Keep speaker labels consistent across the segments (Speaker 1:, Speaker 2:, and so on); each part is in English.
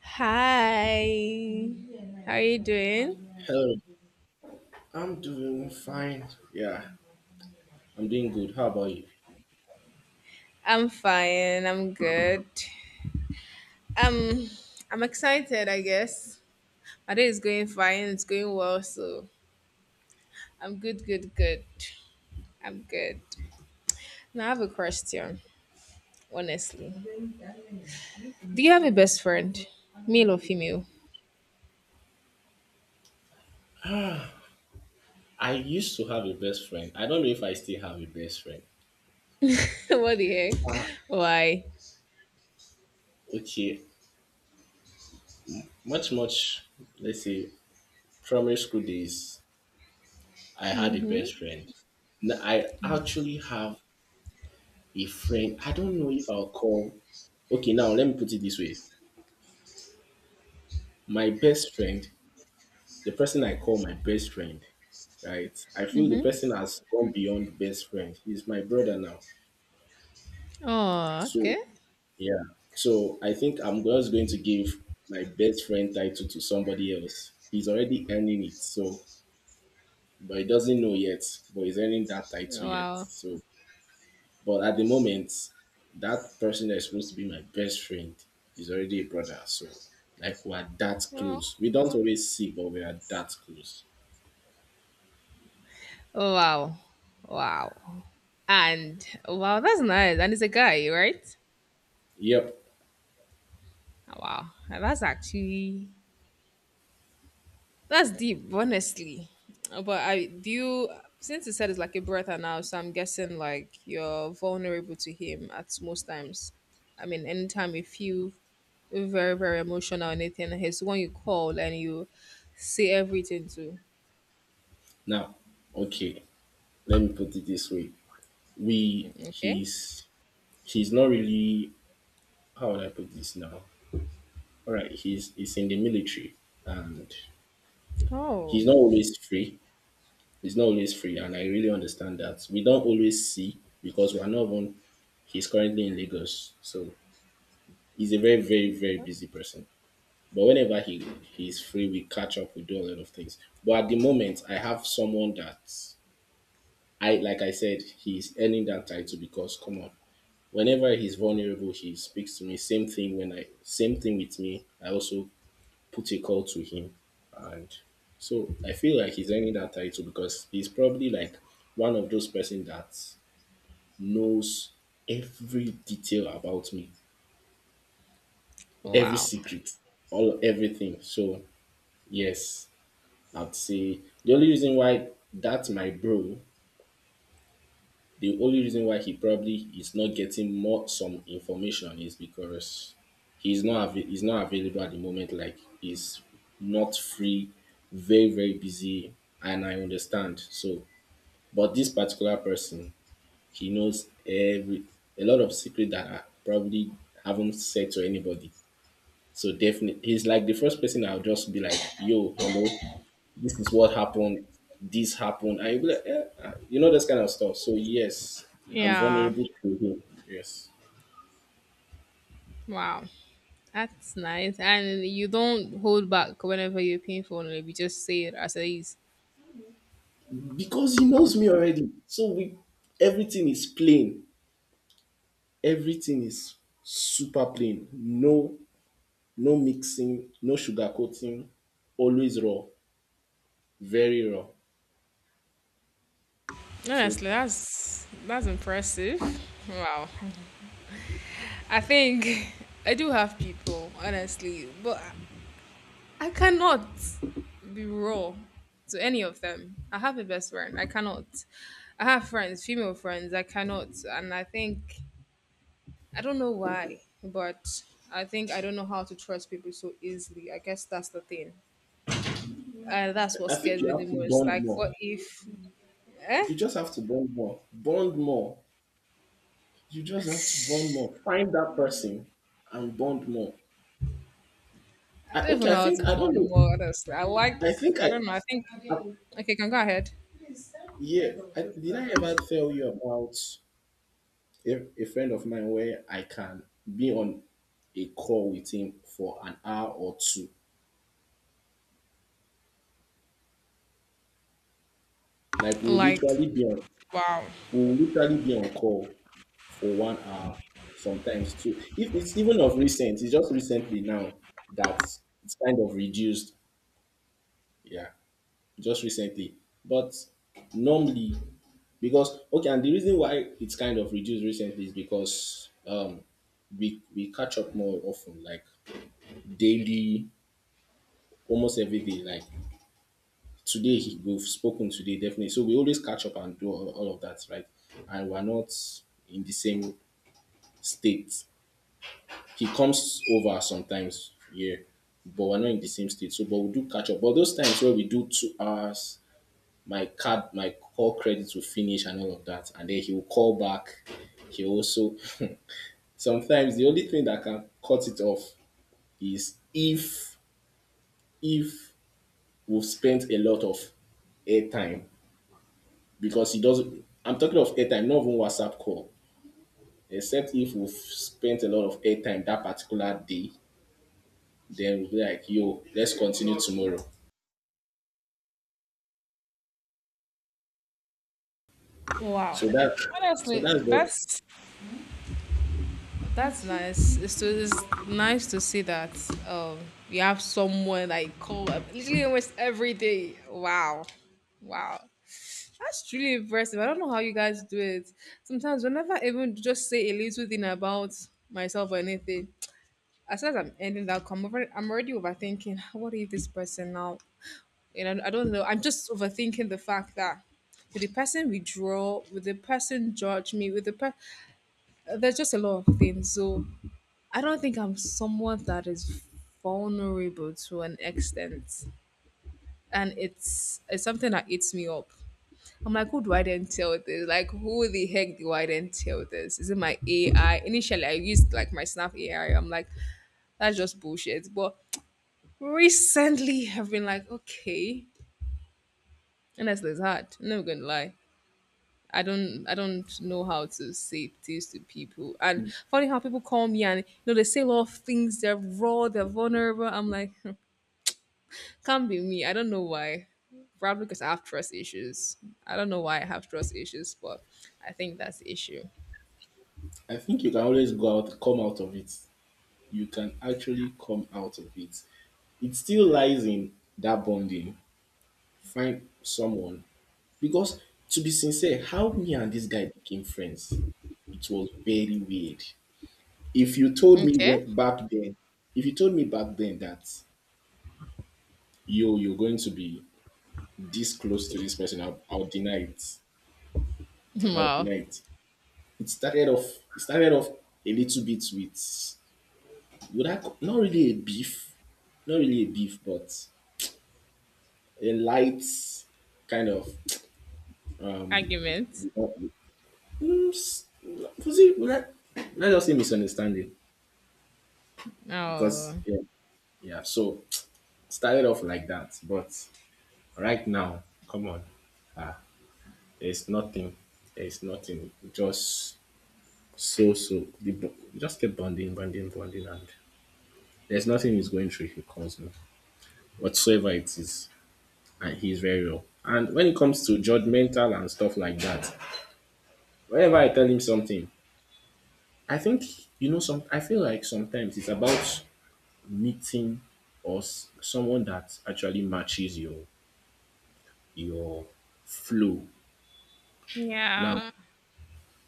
Speaker 1: Hi. How are you doing?
Speaker 2: Hello, I'm doing fine. Yeah, I'm doing good. How about you?
Speaker 1: I'm fine. I'm good. Um, I'm excited, I guess. My day is going fine. It's going well, so I'm good, good, good. I'm good. Now I have a question, honestly. Do you have a best friend? Male or female?
Speaker 2: I used to have a best friend. I don't know if I still have a best friend.
Speaker 1: What the heck? Why?
Speaker 2: Okay, much, much, let's say, primary school days, I had a
Speaker 1: Mm-hmm.
Speaker 2: best friend. Now, I actually have a friend. I don't know if I'll call. Okay, now let me put it this way. My best friend, the person I call my best friend, right? I feel the
Speaker 1: Mm-hmm.
Speaker 2: person has gone beyond best friend. He's my brother now.
Speaker 1: Oh,
Speaker 2: So
Speaker 1: okay.
Speaker 2: yeah. So I think I'm just going to give my best friend title to somebody else. He's already earning it, so but he doesn't know yet, but he's earning that title yet.
Speaker 1: Wow.
Speaker 2: So but at the moment, that person that's supposed to be my best friend is already a brother. So like we're that
Speaker 1: Wow.
Speaker 2: close. We don't always see, but we are that close.
Speaker 1: Wow. Wow. And wow, that's nice. And it's a guy, right?
Speaker 2: Yep.
Speaker 1: Wow. That's actually that's deep, honestly. But I do you Since you said it's like a brother now, so I'm guessing like you're vulnerable to him at most times. I mean, anytime you feel very, very emotional or anything, he's the one you call and you say everything to.
Speaker 2: Now, okay. Let me put it this way. We
Speaker 1: Okay?
Speaker 2: he's not really, how would I put this now? All right, he's in the military and
Speaker 1: Oh.
Speaker 2: he's not always free. He's not always free, and I really understand that. We don't always see because we're not on. He's currently in Lagos, so he's a very, very, very busy person. But whenever he's free, we catch up. We do a lot of things. But at the moment, I have someone that I like. I said he's earning that title because come on, whenever he's vulnerable, he speaks to me. Same thing when I same thing with me. I also put a call to him. And so I feel like he's earning that title because he's probably like one of those person that knows every detail about me, every
Speaker 1: Wow.
Speaker 2: secret, all everything. So yes, I'd say the only reason why that's my bro, the only reason why he probably is not getting more some information is because he's not avai- he's not available at the moment. Like he's not free, very very busy, and I understand. So, but this particular person, he knows every a lot of secret that I probably haven't said to anybody. So definitely, he's like the first person I'll just be like, "Yo, hello, this is what happened, this happened," and you'll be like, yeah, you know, this kind of stuff. So yes, I'm
Speaker 1: Yeah.
Speaker 2: vulnerable to him. Yes,
Speaker 1: Wow. That's nice. And you don't hold back whenever you're paying for one, you just say it as it is.
Speaker 2: because he knows me already. So we, everything is plain. Everything is super plain. No, no mixing, no sugarcoating. Always raw, very raw. So
Speaker 1: Honestly, that's impressive. Wow. I think I do have people, honestly, but I cannot be raw to any of them. I have a best friend. I cannot. I have friends, female friends. I cannot, and I think I don't know why, but I think I don't know how to trust people so easily. I guess that's the thing. And that's what
Speaker 2: I think
Speaker 1: scares
Speaker 2: you
Speaker 1: me the
Speaker 2: have to
Speaker 1: most.
Speaker 2: bond
Speaker 1: Like,
Speaker 2: more.
Speaker 1: what if, eh?
Speaker 2: You just have to bond more. Bond more. You
Speaker 1: I
Speaker 2: just have to bond more. Find that person and bond more. I,
Speaker 1: don't even
Speaker 2: okay, I
Speaker 1: know how
Speaker 2: think
Speaker 1: to
Speaker 2: I don't know.
Speaker 1: bond more, honestly. I like,
Speaker 2: I think
Speaker 1: I
Speaker 2: I,
Speaker 1: don't know. I think,
Speaker 2: uh,
Speaker 1: okay, can go ahead.
Speaker 2: yeah, I, did I ever tell you about a friend of mine where I can be on a call with him for an hour or two? Like we'll
Speaker 1: Like,
Speaker 2: literally be on,
Speaker 1: wow.
Speaker 2: we'll literally be on call for 1 hour, sometimes two. If it's even of recent, it's just recently now that it's kind of reduced. Yeah. Just recently. But normally, because okay, and the reason why it's kind of reduced recently is because we catch up more often, like daily, almost every day. Like today, he, we've spoken today definitely, so we always catch up and do all of that, right? And we're not in the same state. He comes over sometimes, yeah, but we're not in the same state. So, but we do catch up. But those times where we do 2 hours my card, my call credit will finish and all of that. And then he will call back. He also sometimes the only thing that can cut it off is if we've spent a lot of airtime because he doesn't. I'm talking of airtime, not even WhatsApp call. Except if we've spent a lot of airtime that particular day, then we'll be like, "Yo, let's continue tomorrow."
Speaker 1: Wow.
Speaker 2: So that, so
Speaker 1: Honestly,
Speaker 2: that's what
Speaker 1: that's nice. It's nice to see that um you have someone that you call up literally almost every day. Wow, wow, that's truly impressive. I don't know how you guys do it. Sometimes, whenever I even just say a little thing about myself or anything, as soon as I'm ending that call, I'm already overthinking. What if this person now? You know, I don't know. I'm just overthinking the fact that with the person withdraw, with the person judge me, with the person, there's just a lot of things. So I don't think I'm someone that is vulnerable to an extent, and it's something that eats me up. I'm like, who do I then tell this? Like, who the heck do I then tell this? Is it my AI? Initially, I used like my Snap AI. I'm like, that's just bullshit. But recently have been like, okay, honestly, it's hard. I'm not gonna lie. I don't know how to say things to people, and funny how people call me and you know they say a lot of things. They're raw, they're vulnerable. I'm like, can't be me. I don't know why. Probably because I have trust issues. I don't know why I have trust issues, but I think that's the issue.
Speaker 2: I think. You can always go out, come out of it. You can actually come out of it. It still lies in that bonding. Find someone because to be sincere, how me and this guy became friends, it was very weird. If you told me
Speaker 1: Okay.
Speaker 2: when, back then, if you told me back then that yo, you're going to be this close to this person, I'll deny it. I'll
Speaker 1: Wow.
Speaker 2: deny it. It started off. It started off a little bit with would I ca- not really a beef, not really a beef, but a light kind of,
Speaker 1: Argument.
Speaker 2: mm, s- was it? Let us say misunderstanding because
Speaker 1: Oh.
Speaker 2: yeah, yeah. So started off like that, but right now, come on, ah, there's nothing, there's nothing. Just so so, the bo- just keep bonding, bonding, bonding, and there's nothing he's going through. If he calls me whatsoever it is, and he's very real. And when it comes to judgmental and stuff like that, whenever I tell him something, I think you know some. I feel like sometimes it's about meeting or s- someone that actually matches your flow. Now,
Speaker 1: Yeah.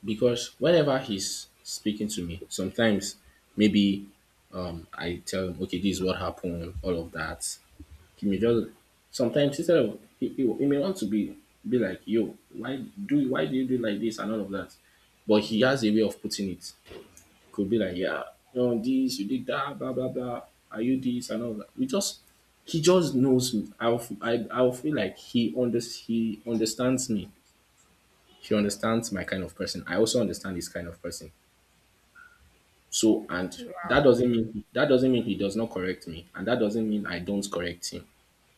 Speaker 2: because whenever he's speaking to me, sometimes maybe I tell him, okay, this is what happened, all of that. He may just sometimes instead of he may want to be like, yo, why do you do like this and all of that, but he has a way of putting it. Could be like, yeah, you know, this, you did that, blah blah blah. Are you this and all that? We just he just knows me. I I'll feel like he understands me. He understands my kind of person. I also understand his kind of person. So and
Speaker 1: Wow.
Speaker 2: that doesn't mean he does not correct me, and that doesn't mean I don't correct him.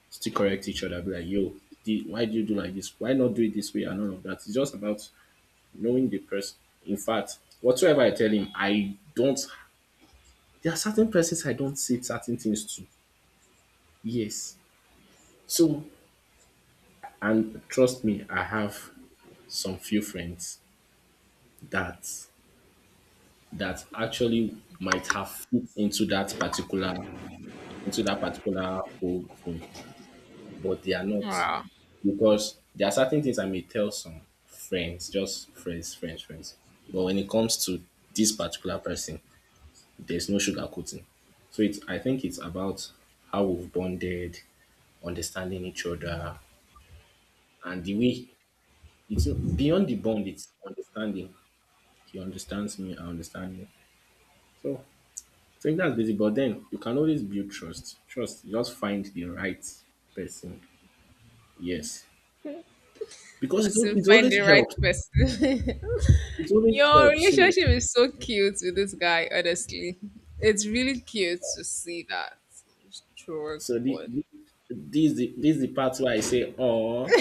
Speaker 2: Still correct each other. Be like, yo, the, why do you do like this? Why not do it this way and all of that? It's just about knowing the person. In fact, whatsoever I tell him, I don't, there are certain persons I don't say certain things to. Yes. So, and trust me, I have some few friends that, that actually might have fit into that particular, into that particular whole thing, but they are not,
Speaker 1: Wow.
Speaker 2: because there are certain things I may tell some friends, just friends. But when it comes to this particular person, there's no sugarcoating. So it's, I think it's about how we've bonded, understanding each other, and the way it's, beyond the bond, it's understanding. He understands me, I understand him. So I think that's basic. But then you can always build trust. Trust, you just find the right person. Yes. Because
Speaker 1: I
Speaker 2: it's, al-
Speaker 1: soon
Speaker 2: it
Speaker 1: find
Speaker 2: always
Speaker 1: the right
Speaker 2: helps.
Speaker 1: person.
Speaker 2: It always
Speaker 1: Your
Speaker 2: helps. So,
Speaker 1: relationship is so cute with this guy, honestly. It's really cute to see that strong
Speaker 2: so the
Speaker 1: bond.
Speaker 2: this the this the part where I say, oh,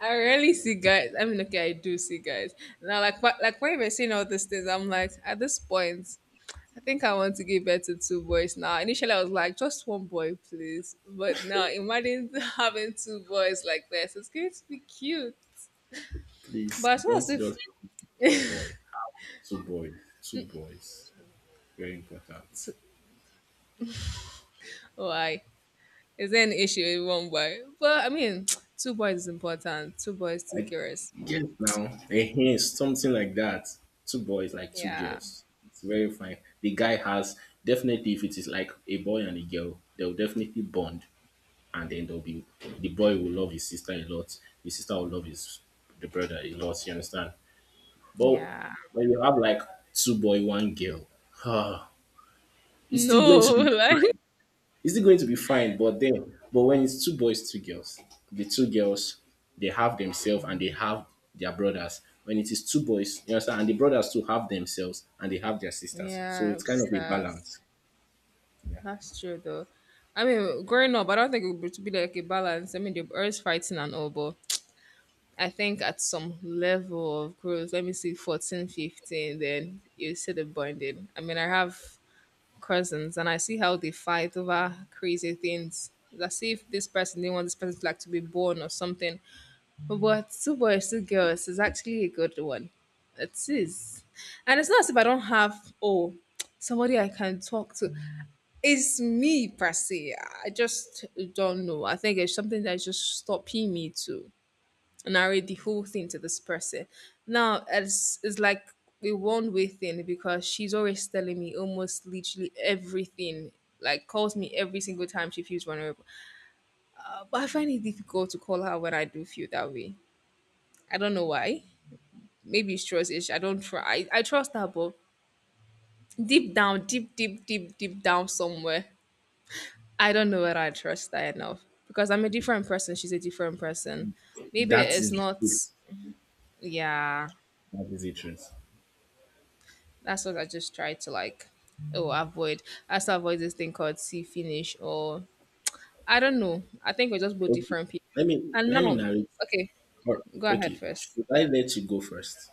Speaker 1: I rarely see guys. I mean, okay, I do see guys. Now, like, like when you're saying all these things, I'm like, at this point, I think I want to give birth to two boys now. Initially, I was like, just one boy, please. But now, imagine having two boys like this. It's going to be cute.
Speaker 2: please
Speaker 1: But it's not
Speaker 2: don't
Speaker 1: as if.
Speaker 2: just boy. Two boys. Two boys. Very important.
Speaker 1: Why? Is there an issue with one boy? But I mean, two boys is important. Two boys, two
Speaker 2: I
Speaker 1: girls.
Speaker 2: guess now a hint, something like that. Two boys, like two
Speaker 1: Yeah.
Speaker 2: girls. It's very fine. The guy has, definitely, if it is like a boy and a girl, they'll definitely bond, and then they'll be, the boy will love his sister a lot. The sister will love his, the brother a lot. You understand? But
Speaker 1: Yeah.
Speaker 2: when you have like two boy, one girl, it's still going to
Speaker 1: No,
Speaker 2: be
Speaker 1: like
Speaker 2: fine, it's still going to be fine. But then, but when it's two boys, two girls, the two girls, they have themselves and they have their brothers. When it is two boys, you understand, and the brothers too have themselves and they have their sisters. So
Speaker 1: yeah,
Speaker 2: it's kind of a
Speaker 1: that's
Speaker 2: balance. Yeah,
Speaker 1: that's true though. I mean, growing up, I don't think it would be like a balance. I mean, the always fighting and all, but I think at some level of growth, let me see, 14, 15, then you see the bonding. I mean, I have cousins and I see how they fight over crazy things. As if this person didn't want this person like to be born or something. But two boys, two girls is actually a good one. It is. And it's not as if I don't have, oh, somebody I can talk to. It's me, per se. I just don't know. I think it's something that's just stopping me to narrate the whole thing to this person. Now, it's like a one way thing because she's always telling me almost literally everything. Like calls me every single time she feels vulnerable, but I find it difficult to call her when I do feel that way. I don't know why. Maybe it's trust ish. I don't try. I trust her, but deep down, deep, deep, deep, deep down somewhere, I don't know whether I trust her enough because I'm a different person. She's a different person. Maybe
Speaker 2: that
Speaker 1: it's
Speaker 2: is the
Speaker 1: not.
Speaker 2: truth.
Speaker 1: Yeah,
Speaker 2: That is the truth.
Speaker 1: that's what I just try to like. Oh, avoid. I still avoid this thing called see finish or I don't know. I think we're just both
Speaker 2: Okay,
Speaker 1: different people. And
Speaker 2: let me
Speaker 1: now,
Speaker 2: narrate.
Speaker 1: okay,
Speaker 2: Or,
Speaker 1: go ahead
Speaker 2: okay,
Speaker 1: first.
Speaker 2: should I let you go first?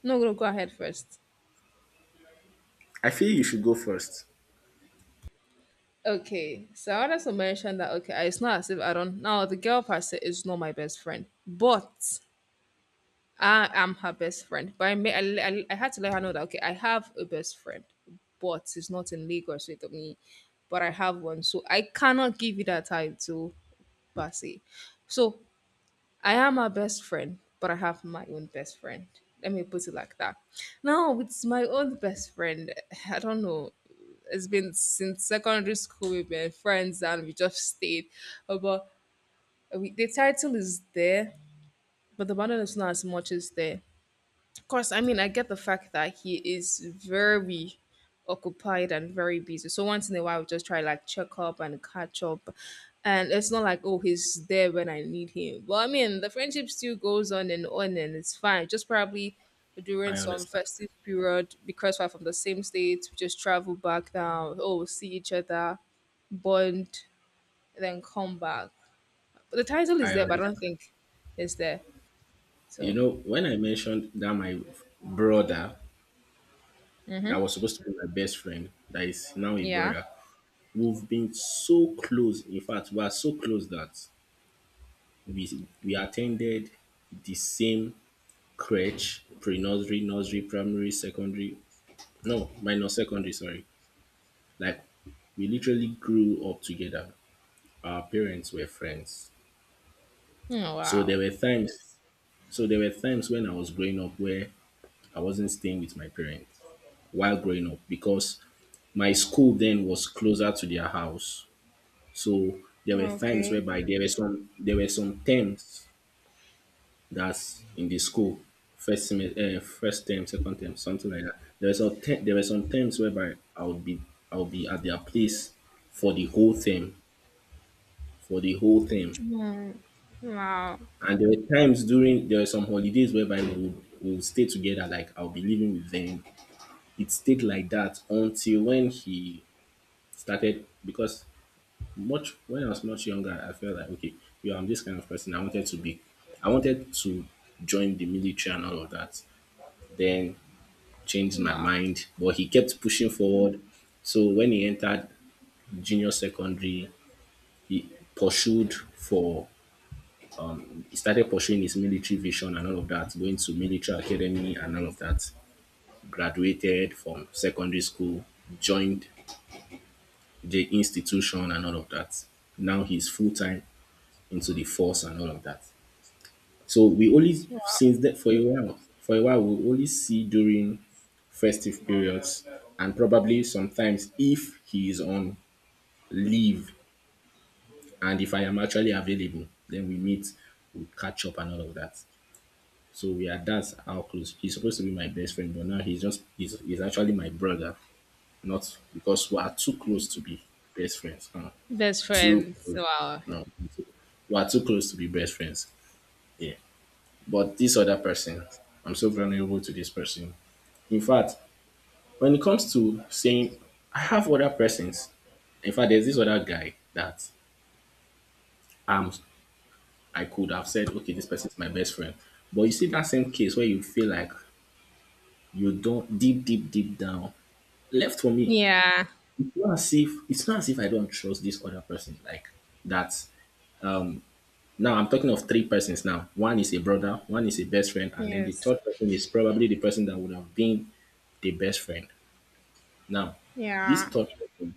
Speaker 1: No, no, go ahead first.
Speaker 2: I feel you should go first.
Speaker 1: Okay, so I wanted to mention that okay, it's not as if I don't now the girl per se is not my best friend, but I am her best friend. But I may I, le- I, le- I had to let her know that okay, I have a best friend, but it's not in Lagos with me, but I have one, so I cannot give you that title per se. So I am her best friend, but I have my own best friend. Let me put it like that. Now, with my own best friend, I don't know. It's been since secondary school, we've been friends and we just stayed. But we, the title is there, but the bonding is not as much as there course, I mean, I get the fact that he is very occupied and very busy. So once in a while, we just try like check up and catch up. And it's not like, oh, he's there when I need him. But I mean, the friendship still goes on, and it's fine. Just probably during
Speaker 2: I
Speaker 1: some
Speaker 2: understand.
Speaker 1: festive period, because we're from the same states, we just travel back down. Oh, we'll see each other, bond, then come back. But the title is
Speaker 2: I
Speaker 1: there, but I
Speaker 2: understand.
Speaker 1: don't think it's there.
Speaker 2: You
Speaker 1: So,
Speaker 2: know, when I mentioned that my brother that
Speaker 1: mm-hmm.
Speaker 2: was supposed to be my best friend, that is now a
Speaker 1: Yeah.
Speaker 2: brother. We've been so close. In fact, we are so close that we attended the same crèche, pre-nursery, nursery, primary, secondary. No, minor secondary. Sorry, like we literally grew up together. Our parents were friends.
Speaker 1: Oh,
Speaker 2: So there
Speaker 1: wow.
Speaker 2: were times. So there were times when I was growing up where I wasn't staying with my parents while growing up because my school then was closer to their house. So there were times
Speaker 1: Okay.
Speaker 2: whereby there were some terms that's in the school, first semester, first term, second term, something like that. There were some te- there were some terms whereby I would be at their place for the whole term, for the whole term.
Speaker 1: Mm. Wow.
Speaker 2: And there were times during, there were some holidays whereby we would stay together, like I'll be living with them. It stayed like that until when he started because much when I was much younger, I felt like okay, yeah, I'm this kind of person. I wanted to join the military and all of that. Then changed my
Speaker 1: Wow.
Speaker 2: mind, but he kept pushing forward. So when he entered junior secondary, he pursued for, he started pursuing his military vision and all of that, going to military academy and all of that. Graduated from secondary school, joined the institution and all of that. Now he's full time into the force and all of that. So we only
Speaker 1: Wow.
Speaker 2: since that for a while we only see during festive periods and probably sometimes if he is on leave and if I am actually available, then we meet, we catch up and all of that. So we are that's how close he's supposed to be my best friend, but now he's actually my brother, not because we are too close to be best friends.
Speaker 1: Best
Speaker 2: Too
Speaker 1: friends.
Speaker 2: close.
Speaker 1: Wow.
Speaker 2: No, we are too close to be best friends. Yeah. But this other person, I'm so vulnerable to this person. In fact, when it comes to saying I have other persons, in fact, there's this other guy that um I could have said, okay, this person is my best friend. But you see that same case where you feel like you don't deep, deep, deep down left for me.
Speaker 1: Yeah.
Speaker 2: It's not as if It's not as if I don't trust this other person like that. Now I'm talking of three persons now. One is a brother, one is a best friend, and then the
Speaker 1: Yes.
Speaker 2: third person is probably the person that would have been the best friend. Now, this
Speaker 1: Yeah.
Speaker 2: third person,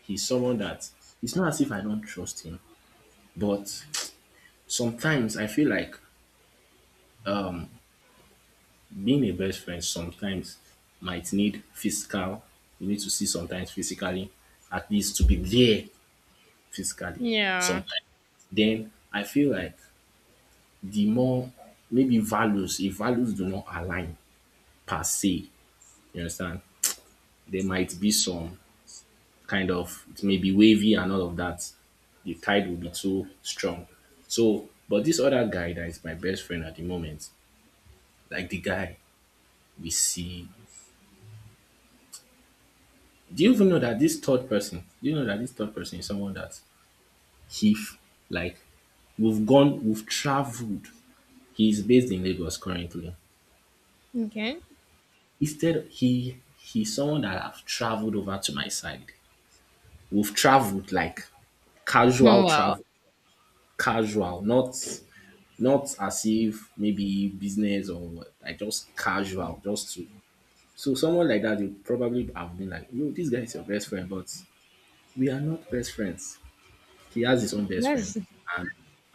Speaker 2: he's someone that it's not as if I don't trust him, but sometimes I feel like being a best friend sometimes might need physical. You need to see sometimes physically, at least to be there physically
Speaker 1: Yeah.
Speaker 2: sometimes. Then I feel like the more maybe values, if values do not align per se, you understand, there might be some kind of it may be wavy and all of that. The tide will be too strong. So, but this other guy that is my best friend at the moment, like the guy we see. Do you even know that this third person? Do you know that this third person is someone that he f- like we've traveled. He's based in Lagos currently.
Speaker 1: Okay.
Speaker 2: Instead, he's someone that I've traveled over to my side. We've traveled like casual
Speaker 1: Wow.
Speaker 2: travel, casual, not as if maybe business or what, like just casual, just to. So someone like that, you probably have been like, yo, this guy is your best friend, but we are not best friends. He has his own best friend.
Speaker 1: That's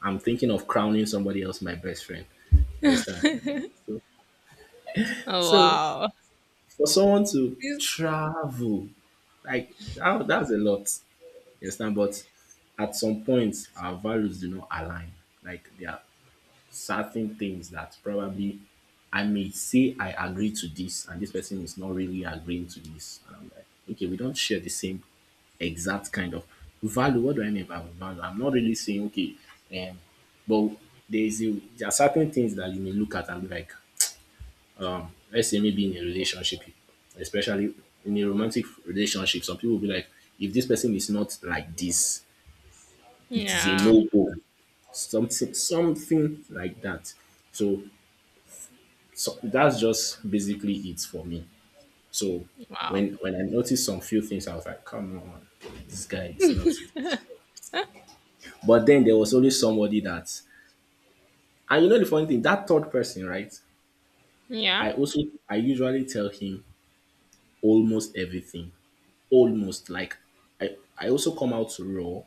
Speaker 2: I'm thinking of crowning somebody else my best friend. You understand? So, so
Speaker 1: wow.
Speaker 2: for someone to
Speaker 1: This-
Speaker 2: travel, like that, that's a lot. You understand? But at some point, our values do not align. Like they are certain things that probably I may say I agree to this, and this person is not really agreeing to this. And I'm like, okay, we don't share the same exact kind of value. What do I mean by value? I'm not really saying okay, um, but there is a, there are certain things that you may look at and be like, let's say maybe in a relationship, especially in a romantic relationship, some people will be like, if this person is not like this, it is a
Speaker 1: Yeah.
Speaker 2: no go. Something something like that. So so that's just basically it for me. So
Speaker 1: Wow.
Speaker 2: when I noticed some few things, I was like, come on, this guy is not. This. But then there was always somebody that, and you know the funny thing, that third person, right?
Speaker 1: Yeah.
Speaker 2: I also I usually tell him almost everything, almost like I also come out raw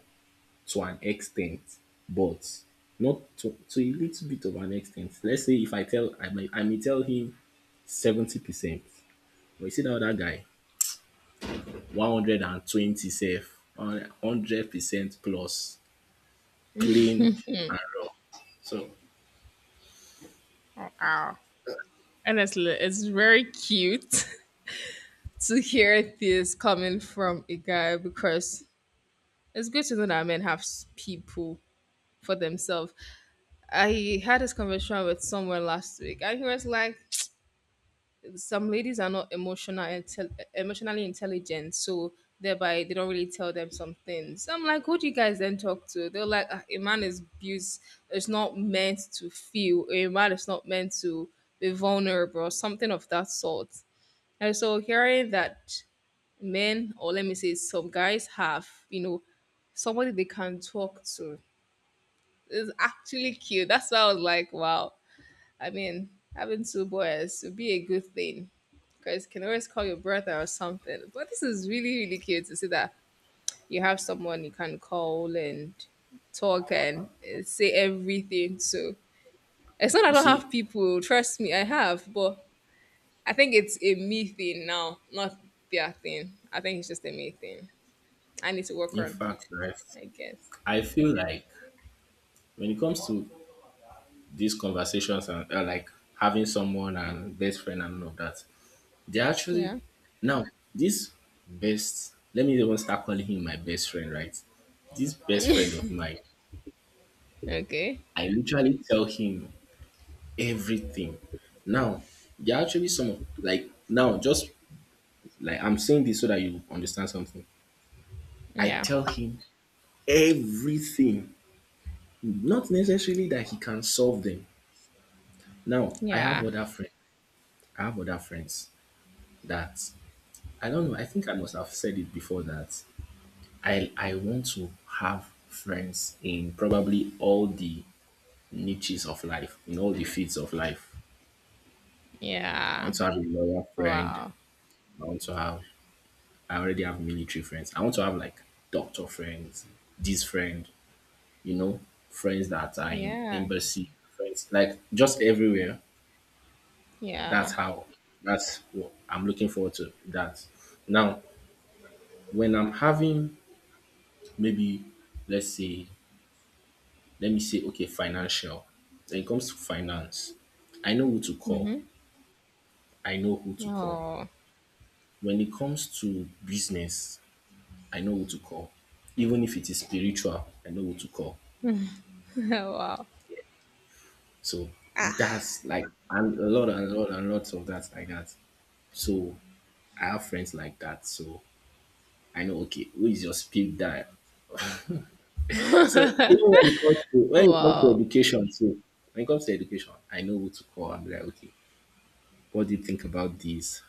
Speaker 2: to an extent, but not to, to a little bit of an extent. Let's say if I may tell him 70%, but you see that other guy 120 safe, 100% plus clean and raw. So
Speaker 1: Wow. Honestly, it's very cute to hear this coming from a guy because it's good to know that men have people for themselves. I had this conversation with someone last week and he was like, some ladies are not emotional emotionally intelligent, so thereby they don't really tell them some things. I'm like, who do you guys then talk to? They're like, "Ah, a man is abused, it's not meant to feel, a man is not meant to be vulnerable or something of that sort." And so hearing that men, or let me say some guys, have, you know, somebody they can talk to is actually cute. That's why I was like, wow. I mean, having two boys would be a good thing because you can always call your brother or something. But this is really, really cute to see that you have someone you can call and talk and say everything. So it's not I
Speaker 2: you
Speaker 1: don't have
Speaker 2: see,
Speaker 1: people, trust me, I have, but I think it's a me thing now, not their thing. I think it's just a me thing. I need to work
Speaker 2: in
Speaker 1: on,
Speaker 2: fact, right,
Speaker 1: I guess.
Speaker 2: I feel like when it comes to these conversations and like having someone and best friend and all of that, they actually
Speaker 1: Yeah.
Speaker 2: now this best. Let me even start calling him my best friend, right? This best friend of mine,
Speaker 1: Okay.
Speaker 2: I literally tell him everything. Now, there are actually like now just like I'm saying this so that you understand something. I
Speaker 1: Yeah.
Speaker 2: tell him everything, not necessarily that he can solve them. Now I have
Speaker 1: Yeah.
Speaker 2: other friends. I have other friends that I don't know. I think I must have said it before that I want to have friends in probably all the niches of life, in all the fields of life. I want
Speaker 1: Yeah.
Speaker 2: to have a lawyer friend.
Speaker 1: Wow.
Speaker 2: I want to have. I already have military friends. I want to have like doctor friends, this friend, you know, friends that are in
Speaker 1: Yeah.
Speaker 2: embassy, friends like just everywhere.
Speaker 1: Yeah.
Speaker 2: That's how that's what I'm looking forward to. That now, when I'm having maybe let's say, let me say, okay, financial. When it comes to finance, I know who to call.
Speaker 1: Mm-hmm.
Speaker 2: I know who to call.
Speaker 1: Oh.
Speaker 2: When it comes to business, I know who to call. Even if it is spiritual, I know who to call.
Speaker 1: Wow.
Speaker 2: So that's like and a lot and a lot and lots of that like that. So I have friends like that, so I know okay, who is your speed dial? So even when it comes to
Speaker 1: Wow.
Speaker 2: education too, when it comes to education, I know who to call and be like, okay, what do you think about this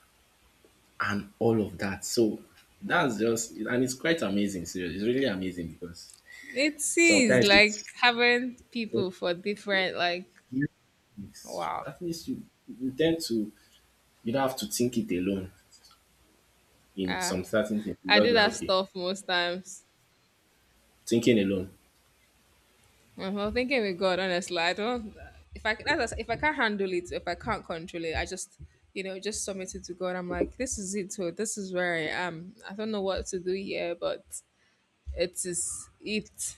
Speaker 2: and all of that. So that's just and it's quite amazing. Seriously, it's really amazing because
Speaker 1: It is
Speaker 2: sometimes
Speaker 1: like
Speaker 2: it's
Speaker 1: having people
Speaker 2: it's-
Speaker 1: for different, like wow.
Speaker 2: at least you tend to you don't have to think it alone in
Speaker 1: Uh,
Speaker 2: some certain things. You
Speaker 1: I
Speaker 2: just
Speaker 1: do
Speaker 2: be like,
Speaker 1: that
Speaker 2: okay,
Speaker 1: stuff most times.
Speaker 2: thinking alone.
Speaker 1: I'm not thinking with God, honestly. I don't, if I that's if I can't handle it, if I can't control it, I just you know just submit it to God. I'm like, this is it. Oh, this is where I am. I don't know what to do here, but it is it.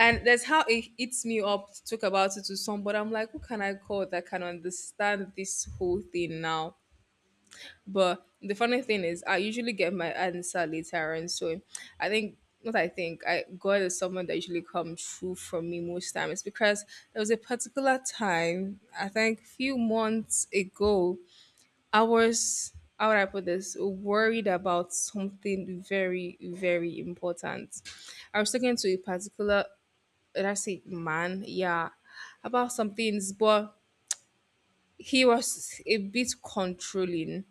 Speaker 1: And that's how it eats me up to talk about it to someone. But I'm like, who can I call that can understand this whole thing now? But the funny thing is, I usually get my answer later, and so I think what I think, I God is someone that usually comes through for me most times because there was a particular time, I think, few months ago, I was how would I put this? Worried about something very, very important. I was talking to a particular, did I say man? Yeah, about some things, but he was a bit controlling,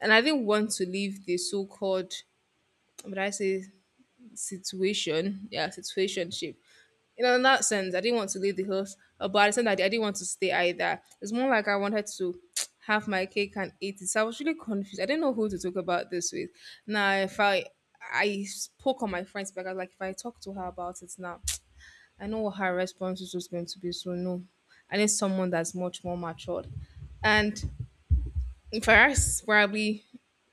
Speaker 1: and I didn't want to leave the so-called, would I say situation, yeah, situationship, in that sense. I didn't want to leave the house, but I said that I didn't want to stay either. It's more like I wanted to have my cake and eat it, so I was really confused. I didn't know who to talk about this with. Now if I I spoke on my friends because I was like, if I talk to her about it now, I know what her response is just going to be. So no, I need someone that's much more matured, and for us, probably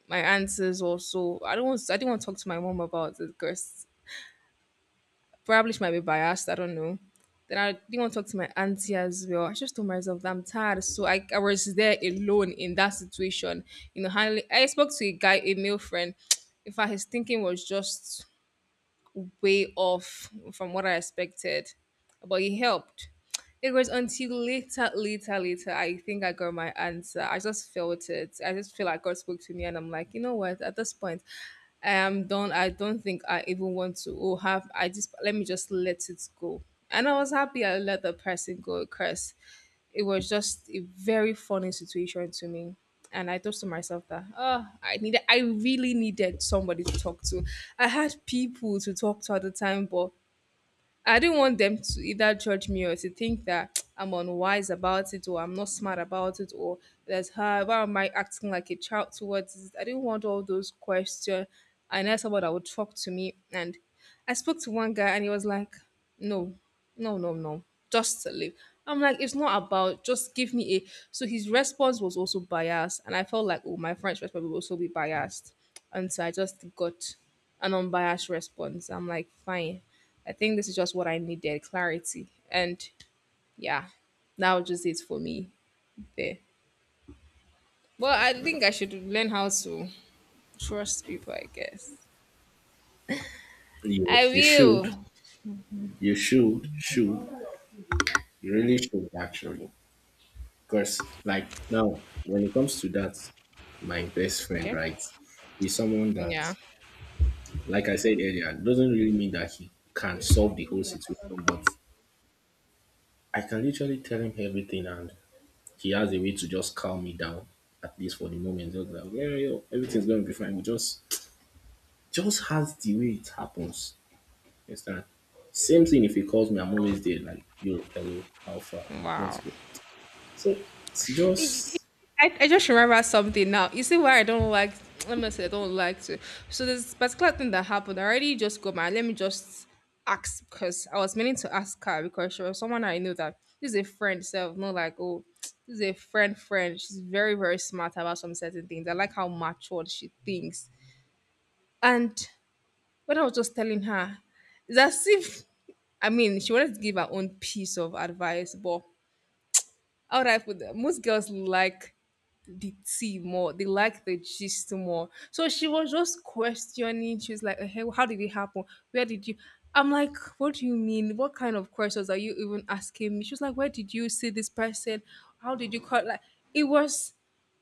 Speaker 1: my answers also. I don't want. I didn't want to talk to my mom about it because probably she might be biased. I don't know. Then I didn't want to talk to my auntie as well. I just told myself that I'm tired. So I was there alone in that situation. You know, handling. I spoke to a guy, a male friend. In fact, his thinking was just way off from what I expected, but it helped. It was until later, later, later, I think I got my answer. I just felt it. I just feel like God spoke to me, and I'm like, you know what? At this point, I am done. I don't think I even want to oh, have. I just Let me just let it go. And I was happy I let the person go. Curse, it was just a very funny situation to me. And I thought to myself that, oh, I needed, I really needed somebody to talk to. I had people to talk to at the time, but I do not want them to either judge me or to think that I'm unwise about it or I'm not smart about it, or that how why am I acting like a child towards it. I didn't want all those questions. I know someone that would talk to me, and I spoke to one guy and he was like, no, no, no, no, just leave. I'm like, it's not about, just give me a, so his response was also biased and I felt like, oh, my friend's response will also be biased. And so I just got an unbiased response. I'm like, fine. I think this is just what I needed, clarity. And yeah, that was just it for me there. Well, I think I should learn how to trust people, I guess. I
Speaker 2: Yes, you should.
Speaker 1: will.
Speaker 2: You should. Should. You really should actually. Because, like, now, when it comes to that, my best friend,
Speaker 1: Okay.
Speaker 2: right, is someone that,
Speaker 1: Yeah.
Speaker 2: like I said earlier, doesn't really mean that he can solve the whole situation, but I can literally tell him everything, and he has a way to just calm me down, at least for the moment. Just like, yeah, yo, everything's going to be fine. We just has the way it happens. You understand? Same thing if he calls me, I'm always there, like, yo, hello, how far? What's
Speaker 1: Wow.
Speaker 2: good? So it's
Speaker 1: Y-
Speaker 2: just
Speaker 1: I just remember something now. You see why I don't like, let me say I don't like to. So there's this particular thing that happened. I already just got my Let me just ask, because I was meaning to ask her, because she was someone I knew that, this is a friend self, not like, oh, this is a friend friend. She's very, very smart about some certain things. I like how matured she thinks. And when I was just telling her, it's as if, I mean, she wanted to give her own piece of advice, but how would I put that? Most girls like the tea more. They like the gist more. So she was just questioning. She was like, "Eh, hey, how did it happen? Where did you?" I'm like, what do you mean? What kind of questions are you even asking me? She was like, where did you see this person? How did you cut? Like, it was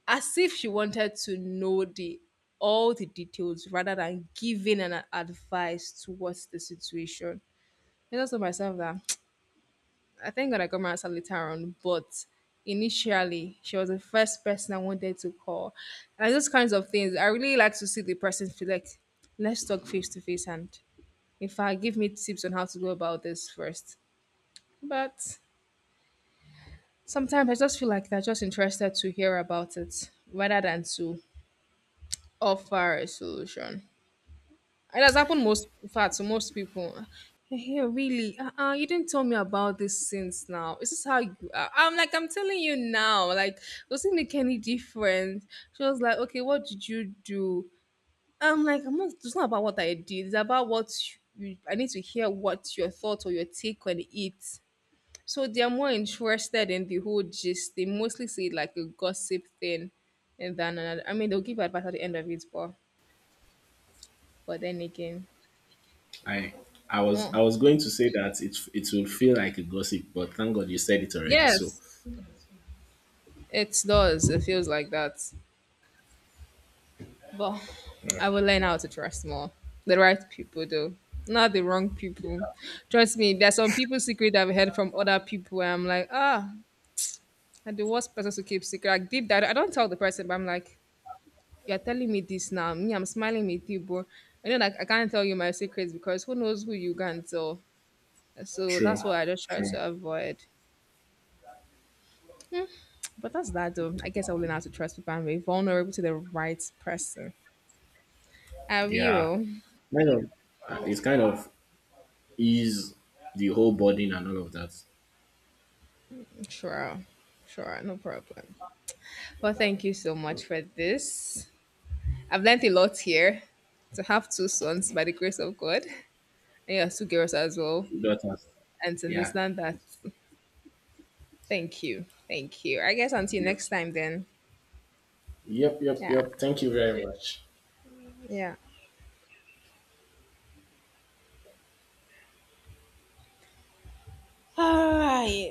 Speaker 1: as if she wanted to know the all the details rather than giving an advice towards the situation. I just told myself that I thank God I got my answer later on, but initially she was the first person I wanted to call. And those kinds of things, I really like to see the person, feel like, let's talk face to face and, in fact, give me tips on how to go about this first. But sometimes I just feel like they're just interested to hear about it rather than to offer a solution. It has happened most, in fact, to most people. Yeah, really? Uh-uh, you didn't tell me about this since now. Is this how you are? I'm like, I'm telling you now. Like, doesn't make any difference. She was like, okay, what did you do? I'm like, I'm not, it's not about what I did. It's about what you, I need to hear what your thoughts or your take on it. So they're more interested in the whole gist. They mostly see it like a gossip thing. And then another, I mean, they'll give advice at the end of it, but then again,
Speaker 2: I
Speaker 1: no.
Speaker 2: I was going to say that it will feel like a gossip, but thank God you said it already. So
Speaker 1: Yes. It does. It feels like that. But
Speaker 2: uh,
Speaker 1: I will learn how to trust more. The right people, though, not the wrong people. Trust me, there's some people's secret I've heard from other people, where I'm like, ah, I'm the worst person to keep secret. Like, deep down, I don't tell the person, but I'm like, you're telling me this now. Me, I'm smiling with you, bro. I know, like, I can't tell you my secrets because who knows who you can tell. So
Speaker 2: true,
Speaker 1: that's what I just try
Speaker 2: true.
Speaker 1: to avoid. Hmm. But that's that, though. I guess I will learn how to trust people and be vulnerable to the right person. I
Speaker 2: Yeah,
Speaker 1: will.
Speaker 2: kind of. It's kind of ease the whole burden and all of that.
Speaker 1: Sure, sure, no problem. Well, thank you so much for this. I've learned a lot here. To have two sons by the grace of God, and yeah, two girls as well,
Speaker 2: That has,
Speaker 1: and to
Speaker 2: yeah.
Speaker 1: understand that. Thank you, thank you. I guess until
Speaker 2: Yep.
Speaker 1: next time, then.
Speaker 2: Yep. Yep.
Speaker 1: Yeah,
Speaker 2: Yep. Thank you very much.
Speaker 1: yeah. All right.